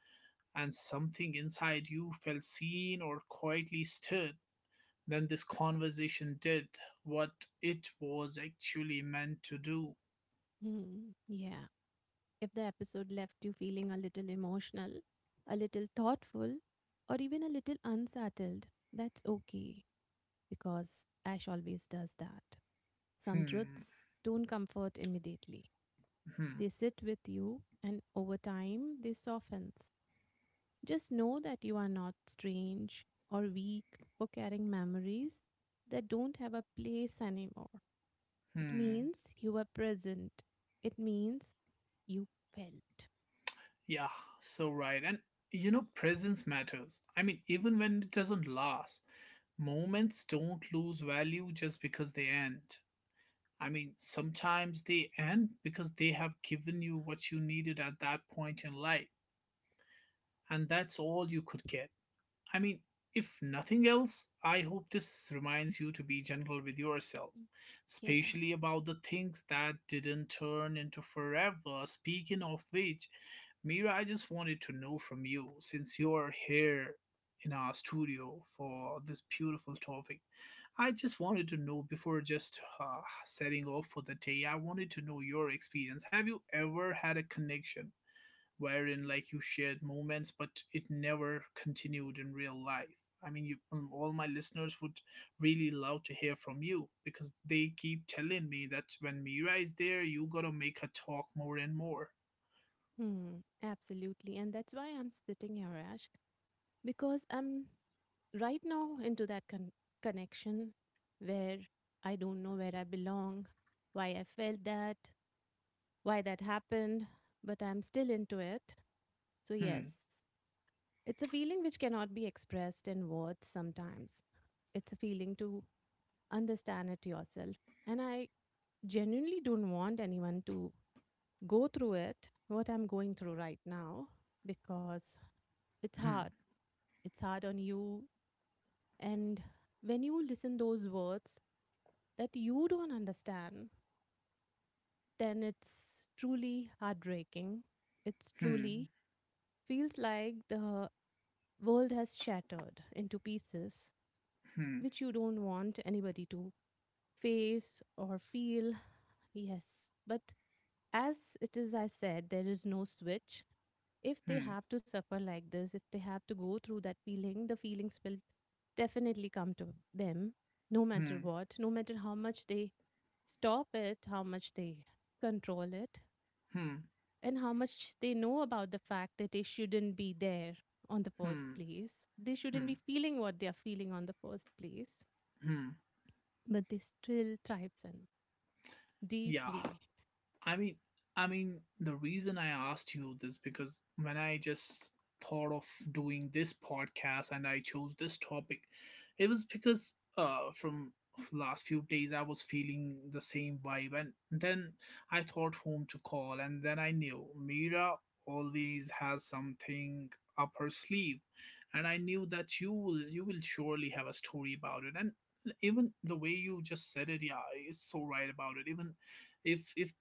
Speaker 1: and something inside you felt seen or quietly stirred, then this conversation did what it was actually meant to do.
Speaker 2: Hmm. Yeah. If the episode left you feeling a little emotional, a little thoughtful, or even a little unsettled, that's okay because Ash always does that. Some
Speaker 1: Hmm,
Speaker 2: truths don't comfort immediately.
Speaker 1: hmm,
Speaker 2: They sit with you and over time they softens. Just know that you are not strange or weak for carrying memories that don't have a place anymore. It
Speaker 1: hmm.
Speaker 2: means you were present. It means you felt.
Speaker 1: Yeah, so right. And presence matters. I mean, even when it doesn't last, moments don't lose value just because they end. I mean, sometimes they end because they have given you what you needed at that point in life, and that's all you could get. I mean, if nothing else, I hope this reminds you to be gentle with yourself,
Speaker 2: Mm. Yeah.
Speaker 1: especially about the things that didn't turn into forever. Speaking of which, Mira, I just wanted to know from you since you're here in our studio for this beautiful topic. I just wanted to know before just setting off for the day, I wanted to know your experience. Have you ever had a connection wherein like you shared moments, but it never continued in real life? I mean, you, all my listeners would really love to hear from you, because they keep telling me that when Mira is there, you gotta make her talk more and more.
Speaker 2: Hmm. Absolutely. And that's why I'm sitting here, Ash, because I'm right now into that connection where I don't know where I belong, why I felt that, why that happened, but I'm still into it. So,
Speaker 1: Hmm,
Speaker 2: yes, it's a feeling which cannot be expressed in words sometimes. It's a feeling to understand it yourself. And I genuinely don't want anyone to go through it, what I'm going through right now, because
Speaker 1: hmm,
Speaker 2: it's hard. It's hard on you, and when you listen those words that you don't understand, then it's truly heartbreaking, it's
Speaker 1: hmm,
Speaker 2: truly feels like the world has shattered into pieces
Speaker 1: hmm,
Speaker 2: which you don't want anybody to face or feel. Yes, but as it is, I said, there is no switch. If they
Speaker 1: hmm,
Speaker 2: have to suffer like this, if they have to go through that feeling, the feelings will definitely come to them, no matter
Speaker 1: hmm,
Speaker 2: what, no matter how much they stop it, how much they control it,
Speaker 1: hmm,
Speaker 2: and how much they know about the fact that they shouldn't be there on the first
Speaker 1: hmm,
Speaker 2: place. They shouldn't be
Speaker 1: hmm,
Speaker 2: feeling what they are feeling on the first place,
Speaker 1: hmm.
Speaker 2: but they still thrives in
Speaker 1: Yeah.
Speaker 2: deeply.
Speaker 1: I mean, I mean, the reason I asked you this, because when I just thought of doing this podcast and I chose this topic, it was because from last few days I was feeling the same vibe, and then I thought whom to call, and then I knew Mira always has something up her sleeve, and I knew that you will surely have a story about it, and even the way you just said it, yeah, it's so right about it. Even if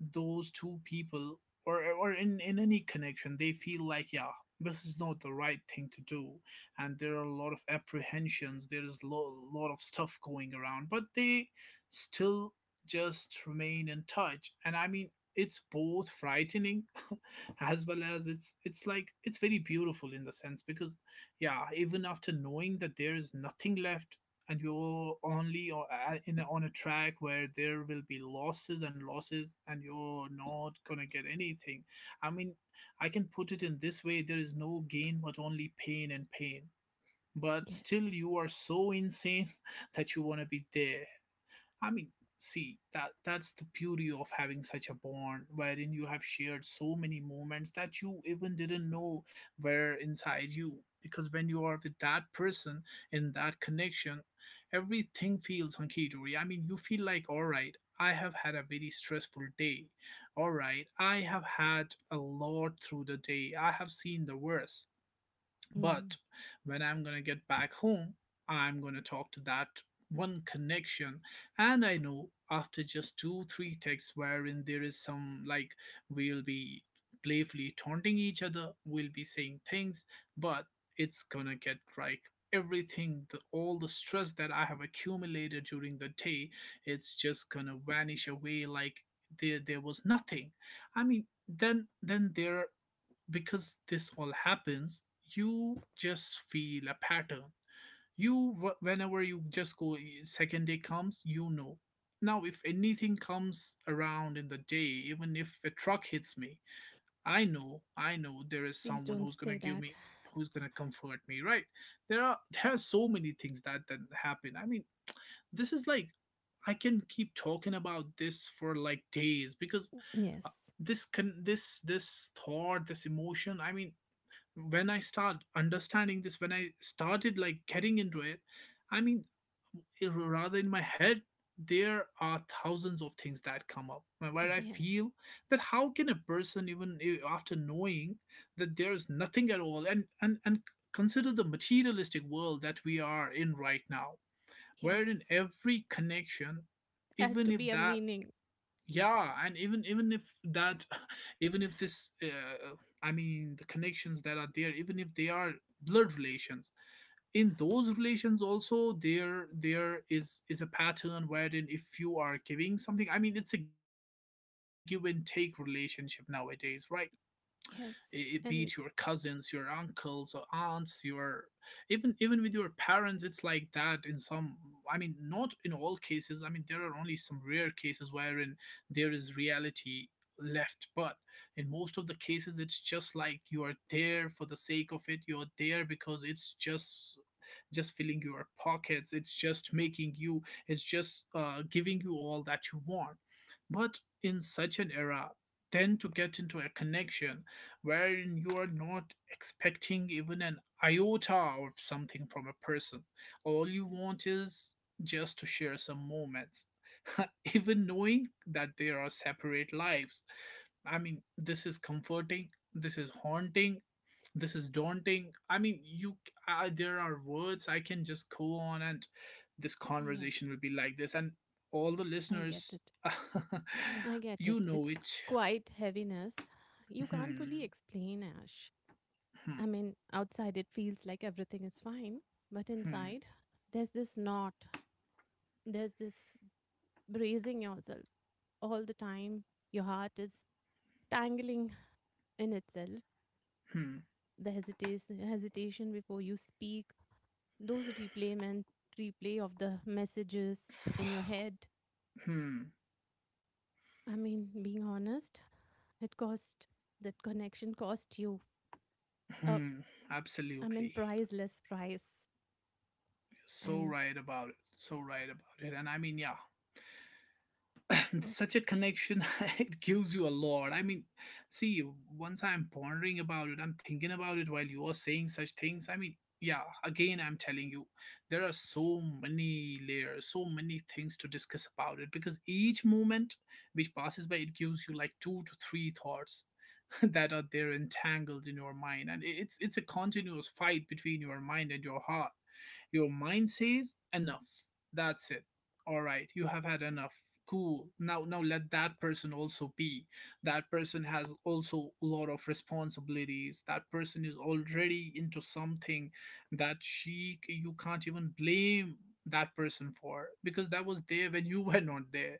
Speaker 1: those two people or in any connection, they feel like, yeah, this is not the right thing to do, and there are a lot of apprehensions, there is a lot of stuff going around, but they still just remain in touch. And I mean, it's both frightening as well as it's like it's very beautiful in the sense, because yeah, even after knowing that there is nothing left, and you're only in a, on a track where there will be losses and losses, and you're not going to get anything. I mean, I can put it in this way: there is no gain but only pain and pain, but still
Speaker 2: Yes.
Speaker 1: you are so insane that you want to be there. I mean, see, that that's the beauty of having such a bond wherein you have shared so many moments that you even didn't know were inside you. Because when you are with that person in that connection, everything feels hunky dory. I mean, you feel like, all right, I have had a very stressful day. All right, I have had a lot through the day. I have seen the worst.
Speaker 2: Hmm.
Speaker 1: But when I'm gonna get back home, I'm gonna talk to that one connection. And I know after just two, three texts, wherein there is some, like, we'll be playfully taunting each other, we'll be saying things, but it's gonna get like everything, all the stress that I have accumulated during the day, it's just gonna vanish away, like there was nothing. I mean, then there, because this all happens, you just feel a pattern. You whenever you just go second day comes, you know, now if anything comes around in the day, even if a truck hits me, I know there is
Speaker 2: Please
Speaker 1: someone
Speaker 2: don't
Speaker 1: who's
Speaker 2: say
Speaker 1: going to
Speaker 2: that.
Speaker 1: give me, who's going to comfort me, right? There are there are so many things that that happen. I mean, this is like, I can keep talking about this for like days, because uh,
Speaker 2: Yes.
Speaker 1: this can, this thought, this emotion, I mean, when I start understanding this, when I started like getting into it, I mean, it- rather, in my head, there are thousands of things that come up, where I
Speaker 2: Yes.
Speaker 1: feel that how can a person even after knowing that there is nothing at all, and consider the materialistic world that we are in right now, wherein
Speaker 2: Yes.
Speaker 1: every connection,
Speaker 2: Has
Speaker 1: even
Speaker 2: to
Speaker 1: if
Speaker 2: be a
Speaker 1: that,
Speaker 2: meaning.
Speaker 1: yeah, and even if that, even if this I mean, the connections that are there, even if they are blood relations, in those relations also, there is a pattern wherein if you are giving something, I mean, it's a give and take relationship nowadays, right? It be it your
Speaker 2: Yes. And
Speaker 1: cousins, your uncles or aunts, your, even with your parents, it's like that in some, I mean, not in all cases. I mean, there are only some rare cases wherein there is reality left, but in most of the cases, it's just like you are there for the sake of it. You're there because it's just filling your pockets, it's just making you, it's just giving you all that you want. But in such an era, tend to get into a connection wherein you are not expecting even an iota of something from a person. All you
Speaker 2: yes.
Speaker 1: want is just to share some moments. Even knowing that there are separate lives. I mean, this is comforting, this is haunting, this is daunting. I mean, you there are words, I can just go on, and this conversation
Speaker 2: Yes.
Speaker 1: will be like this, and all the
Speaker 2: I get
Speaker 1: listeners
Speaker 2: it. I get
Speaker 1: you
Speaker 2: it.
Speaker 1: know
Speaker 2: It's
Speaker 1: it.
Speaker 2: quite heaviness. You can't fully
Speaker 1: Hmm,
Speaker 2: explain, Ash.
Speaker 1: hmm,
Speaker 2: I mean, outside it feels like everything is fine, but
Speaker 1: hmm,
Speaker 2: inside there's this knot. There's this bracing yourself all the time. Your heart is tangling in itself.
Speaker 1: hmm,
Speaker 2: The hesitation before you speak, those replay of the messages in your head.
Speaker 1: hmm,
Speaker 2: I mean, being honest, it cost, that connection cost you a,
Speaker 1: hmm.
Speaker 2: I mean,
Speaker 1: Absolutely.
Speaker 2: priceless price.
Speaker 1: You're so
Speaker 2: And
Speaker 1: right about it. So right about it. And I mean, yeah,
Speaker 2: uh,
Speaker 1: such a connection, it gives you a lot. I mean, see, once I'm pondering about it, I'm thinking about it while you are saying such things. I mean, yeah, again, I'm telling you, there are so many layers, so many things to discuss about it, because each moment which passes by, it gives you like two to three thoughts that are there entangled in your mind, and it's a continuous fight between your mind and your heart. Your mind says enough, that's it, all right, you have had enough, cool, now let that person also be. That person has also a lot of responsibilities, that person is already into something, that she, you can't even blame that person for, because that was there when you were not there.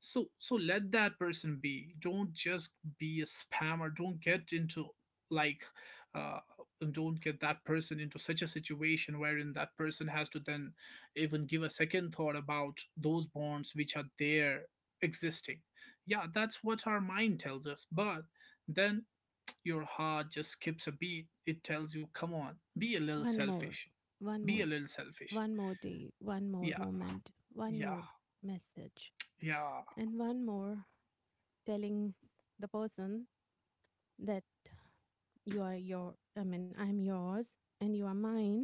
Speaker 1: So, so let that person be, don't just be a spammer, don't get into, like, uh don't get that person into such a situation wherein that person has to then even give a second thought about those bonds which are there existing. Yeah, that's what our mind tells us, but then your heart just skips a beat, it tells you, come on, be a little
Speaker 2: one more,
Speaker 1: selfish,
Speaker 2: one
Speaker 1: be a
Speaker 2: more,
Speaker 1: little selfish,
Speaker 2: one more day, one more
Speaker 1: yeah,
Speaker 2: moment, one
Speaker 1: yeah,
Speaker 2: more message,
Speaker 1: yeah.
Speaker 2: and one more telling the person that you are your, I mean, I'm yours and you are mine,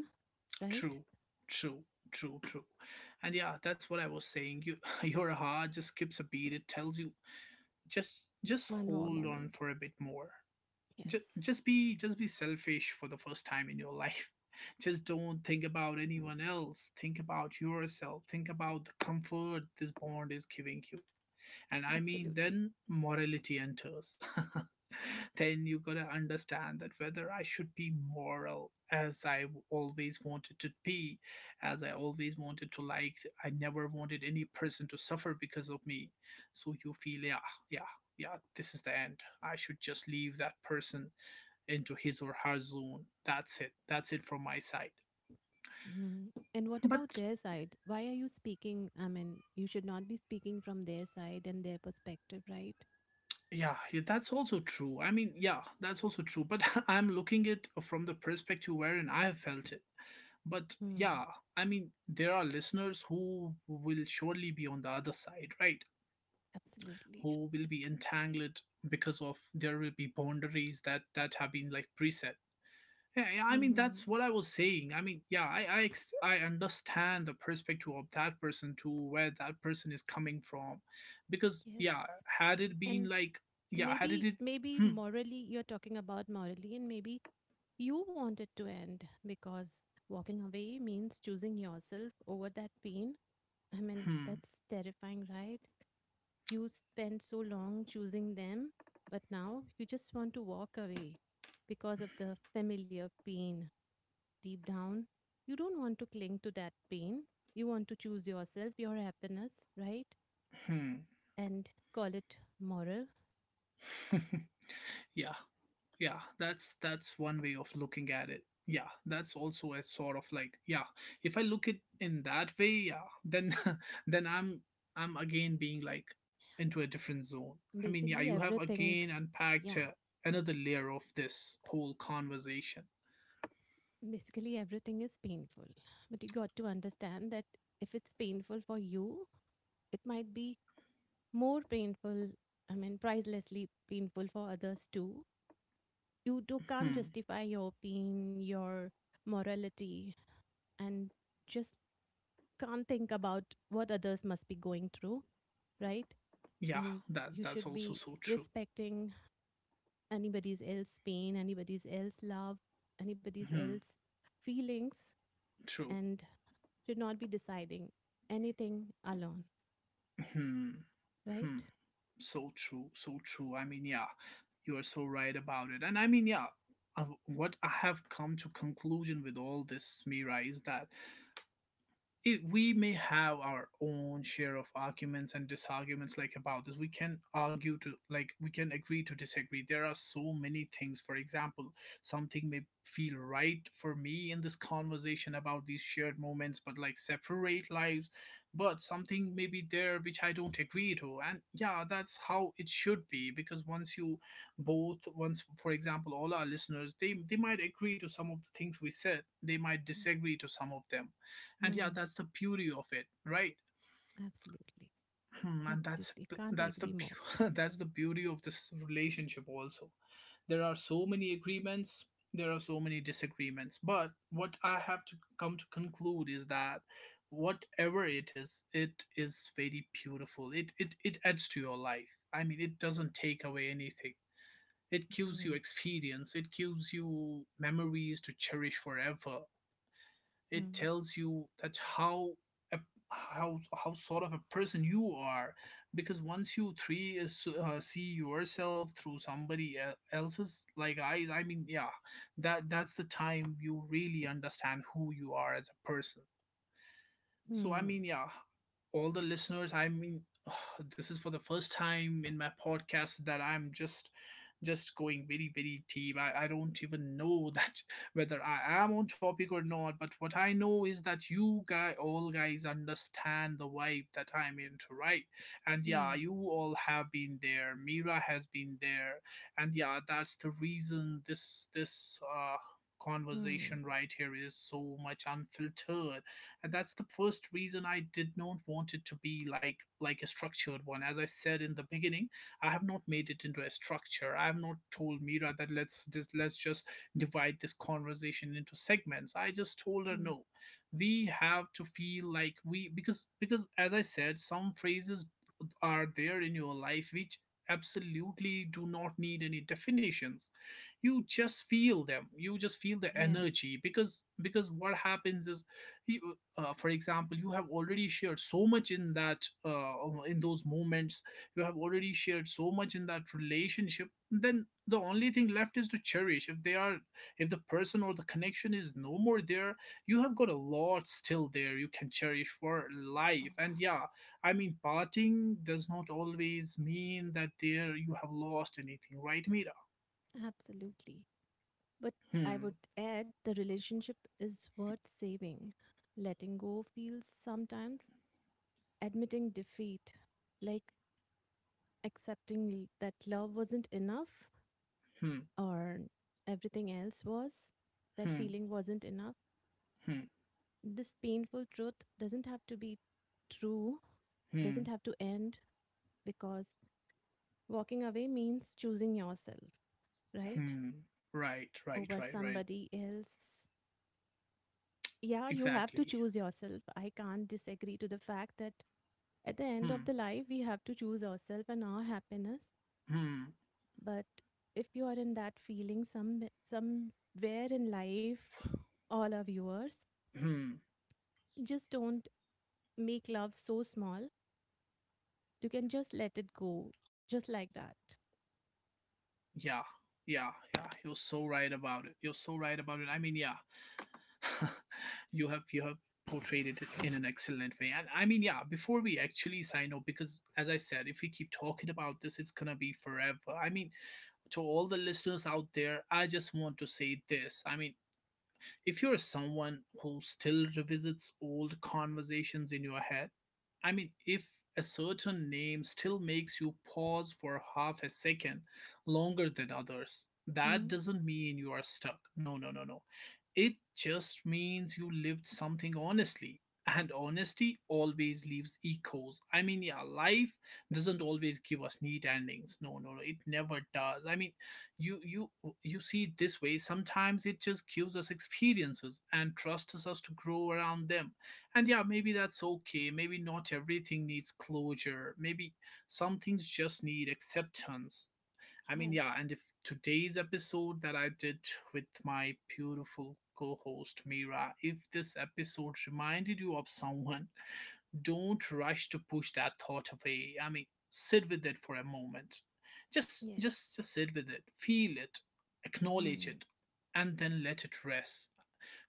Speaker 2: right?
Speaker 1: True, true, true, true. And yeah, that's what I was saying. You, your heart just skips a beat. It tells you just
Speaker 2: One more
Speaker 1: hold on
Speaker 2: moment,
Speaker 1: for a bit more.
Speaker 2: yes.
Speaker 1: Just be, just be selfish for the first time in your life. Just don't think about anyone else. Think about yourself. Think about the comfort this bond is giving you. And I mean
Speaker 2: Absolutely.
Speaker 1: Then morality enters. Then you gotta understand that whether I should be moral as I always wanted to be, as I always wanted to, like, I never wanted any person to suffer because of me. So you feel, yeah, yeah, yeah, this is the end, I should just leave that person into his or her zone. That's it. That's it from my side.
Speaker 2: Mhm. And what about
Speaker 1: But
Speaker 2: their side? Why are you speaking? I mean, you should not be speaking from their side and their perspective, right?
Speaker 1: yeah, yeah, that's also true. I mean, yeah, that's also true. But I'm looking it from the perspective wherein I have felt it. But
Speaker 2: Hmm.
Speaker 1: yeah, I mean, there are listeners who will surely be on the other side, right?
Speaker 2: Absolutely.
Speaker 1: Who will be entangled because of, there will be boundaries that have been like preset. Yeah, yeah, I mean
Speaker 2: Hmm.
Speaker 1: that's what I was saying. I mean, yeah, I I understand the perspective of that person, to where that person is coming from, because yeah,
Speaker 2: Yes.
Speaker 1: had it been
Speaker 2: And
Speaker 1: like, yeah, had it
Speaker 2: maybe,
Speaker 1: it.
Speaker 2: maybe morally, you're talking about morally, and maybe you want it to end because walking away means choosing yourself over that pain. I mean,
Speaker 1: Hmm.
Speaker 2: that's terrifying, right? You spent so long choosing them, but now you just want to walk away because of the familiar pain deep down. You don't want to cling to that pain. You want to choose yourself, your happiness, right?
Speaker 1: Hmm.
Speaker 2: And call it moral.
Speaker 1: Yeah. Yeah. That's one way of looking at it. Yeah. That's also a sort of, like, yeah. If I look it in that way, yeah. Then then I'm again being, like, into a different zone. I mean, yeah.
Speaker 2: Basically,
Speaker 1: You have
Speaker 2: everything,
Speaker 1: again unpacked
Speaker 2: yeah,
Speaker 1: another layer of this whole conversation.
Speaker 2: basically, everything is painful. But you got to understand that if it's painful for you, it might be more painful, I mean, pricelessly painful for others too. You do can't
Speaker 1: Hmm.
Speaker 2: justify your opinion, your morality, and just can't think about what others must be going through, right?
Speaker 1: Yeah.
Speaker 2: And
Speaker 1: That's
Speaker 2: you
Speaker 1: that's
Speaker 2: should
Speaker 1: also
Speaker 2: be
Speaker 1: so true.
Speaker 2: respecting anybody's else pain, anybody's else love, anybody's
Speaker 1: Hmm.
Speaker 2: else feelings,
Speaker 1: True.
Speaker 2: and should not be deciding anything alone,
Speaker 1: Hmm. Hmm.
Speaker 2: right?
Speaker 1: So true, so true, I mean, yeah, you are so right about it. And I mean, yeah, what I have come to conclusion with all this, Mira, is that it, we may have our own share of arguments and disarguments, like, about this we can argue to, like, we can agree to disagree. There are so many things, for example, something may feel right for me in this conversation about these shared moments but, like, separate lives. But something may be there which I don't agree to, and yeah, that's how it should be. Because once you both, once, for example, all our listeners, they might agree to some of the things we said, they might disagree to some of them, and yeah,
Speaker 2: Mm,
Speaker 1: that's the beauty of it, right?
Speaker 2: absolutely.
Speaker 1: Hmm, and that's,
Speaker 2: Absolutely. Can't agree more.
Speaker 1: that's the beauty of this relationship also. There are so many agreements, there are so many disagreements, but what I have to come to conclude is that whatever it is, it is very beautiful. It adds to your life. I mean, it doesn't take away anything. It gives you
Speaker 2: Mm,
Speaker 1: experience, it gives you memories to cherish forever. It
Speaker 2: mm,
Speaker 1: tells you that how a, how, sort of a person you are. Because once you see yourself through somebody else's, like I mean, yeah, that that's the time you really understand who you are as a person. So, I
Speaker 2: mm,
Speaker 1: mean, yeah, all the listeners, I mean, this is for the first time in my podcast that I'm just going very, very deep. I don't even know that whether I am on topic or not, but what I know is that you guy all guys understand the vibe that I'm into, right? And yeah,
Speaker 2: mm,
Speaker 1: you all have been there, Mira has been there, and yeah, that's the reason this
Speaker 2: mm,
Speaker 1: conversation right here is so much unfiltered. And that's the first reason I did not want it to be, like a structured one. As I said in the beginning, I have not made it into a structure. I have not told Mira that let's just divide this conversation into segments. I just told her,
Speaker 2: mm.
Speaker 1: no, we have to feel like we, because as I said, some phrases are there in your life which absolutely do not need any definitions. You just feel them, you just feel the
Speaker 2: Yes.
Speaker 1: energy. Because what happens is, he- for example, you have already shared so much in that in those moments. You have already shared so much in that relationship, then the only thing left is to cherish. If they are, if the person or the connection is no more there, you have got a lot still there, you can cherish for
Speaker 2: Oh,
Speaker 1: life. And yeah, I mean, parting does not always mean that there you have lost anything, right, Mira?
Speaker 2: absolutely. But I
Speaker 1: Hmm.
Speaker 2: would add the relationship is worth saving. Letting go feels sometimes admitting defeat, like that love wasn't enough
Speaker 1: Hmm.
Speaker 2: or everything else was, that
Speaker 1: Hmm.
Speaker 2: feeling wasn't enough.
Speaker 1: Hmm.
Speaker 2: This painful truth doesn't have to be true, doesn't
Speaker 1: Hmm.
Speaker 2: have to end because walking away means choosing yourself, right?
Speaker 1: Hmm. Right, right,
Speaker 2: Over
Speaker 1: right, right.
Speaker 2: somebody else. Yeah, you have to
Speaker 1: Exactly.
Speaker 2: choose yourself. I can't disagree to the fact that at the end
Speaker 1: Hmm.
Speaker 2: of the life, we have to choose ourselves and our happiness.
Speaker 1: Hmm.
Speaker 2: But if you are in that feeling somewhere in life, all our viewers,
Speaker 1: Hmm.
Speaker 2: just don't make love so small. You can just let it go, just like that.
Speaker 1: Yeah. Yeah. Yeah. You're so right about it. You're so right about it. I mean, yeah. You have portrayed it in an excellent way. And I mean, yeah. Before we actually sign off, because as I said, if we keep talking about this, it's gonna be forever. I mean, to all the listeners out there, I just want to say this. I mean, if you're someone who still revisits old conversations in your head, I mean, if a certain name still makes you pause for half a second longer than others, that
Speaker 2: Mm,
Speaker 1: doesn't mean you are stuck. No, no, no, no. It just means you lived something honestly. And honesty always leaves echoes. I mean, yeah, life doesn't always give us neat endings. No, no, no, it never does. I mean, you you you see it this way. Sometimes it just gives us experiences and trusts us to grow around them. And yeah, maybe that's okay. Maybe not everything needs closure. Maybe some things just need acceptance. I mean, yeah,
Speaker 2: yes.
Speaker 1: and if today's episode that I did with my beautiful co-host Mira, if this episode reminded you of someone, don't rush to push that thought away. I mean, sit with it for a moment. just
Speaker 2: Yes.
Speaker 1: just just sit with it, feel it, acknowledge
Speaker 2: Mm,
Speaker 1: it, and then let it rest.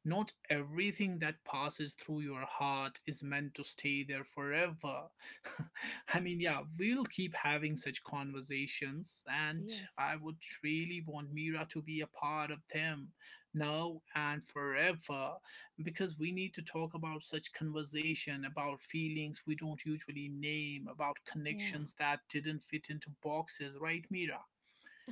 Speaker 1: Not everything that passes through your heart is meant to stay there forever. I mean, yeah, we'll keep having such conversations, and
Speaker 2: yes.
Speaker 1: I would really want Mira to be a part of them now and forever, because we need to talk about such conversation, about feelings we don't usually name, about
Speaker 2: Yeah,
Speaker 1: connections that didn't fit into boxes, right, Mira?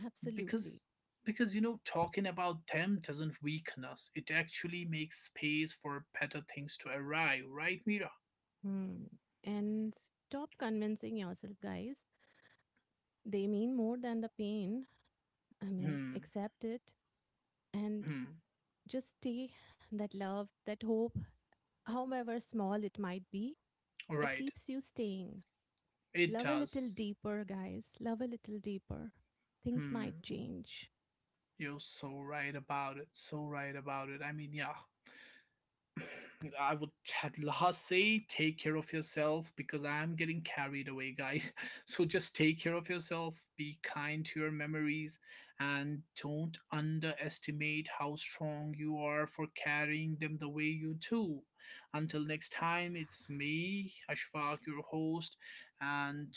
Speaker 2: absolutely.
Speaker 1: Because because you know talking about them doesn't weaken us, it actually makes space for better things to arrive, right, Mira?
Speaker 2: Mm. And stop convincing yourself, guys. They mean more than the pain. I mean,
Speaker 1: Hmm.
Speaker 2: accept it and
Speaker 1: Hmm.
Speaker 2: just stay that love, that hope, however small it might be, it
Speaker 1: Right.
Speaker 2: keeps you staying.
Speaker 1: It
Speaker 2: Love a little
Speaker 1: does.
Speaker 2: deeper, guys. Love a little deeper. Things might
Speaker 1: Hmm.
Speaker 2: change.
Speaker 1: You're so right about it, so right about it, I mean, yeah, I would at last say take care of yourself, because I'm getting carried away, guys. So just take care of yourself, be kind to your memories, and don't underestimate how strong you are for carrying them the way you do. Until next time, it's me, Ashfaq, your host, and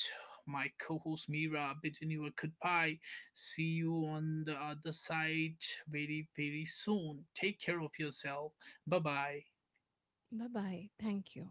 Speaker 1: my co host Mira bidding you a goodbye. See you on the other side very, very soon. Take care of yourself. Bye bye.
Speaker 2: Bye bye. Thank you.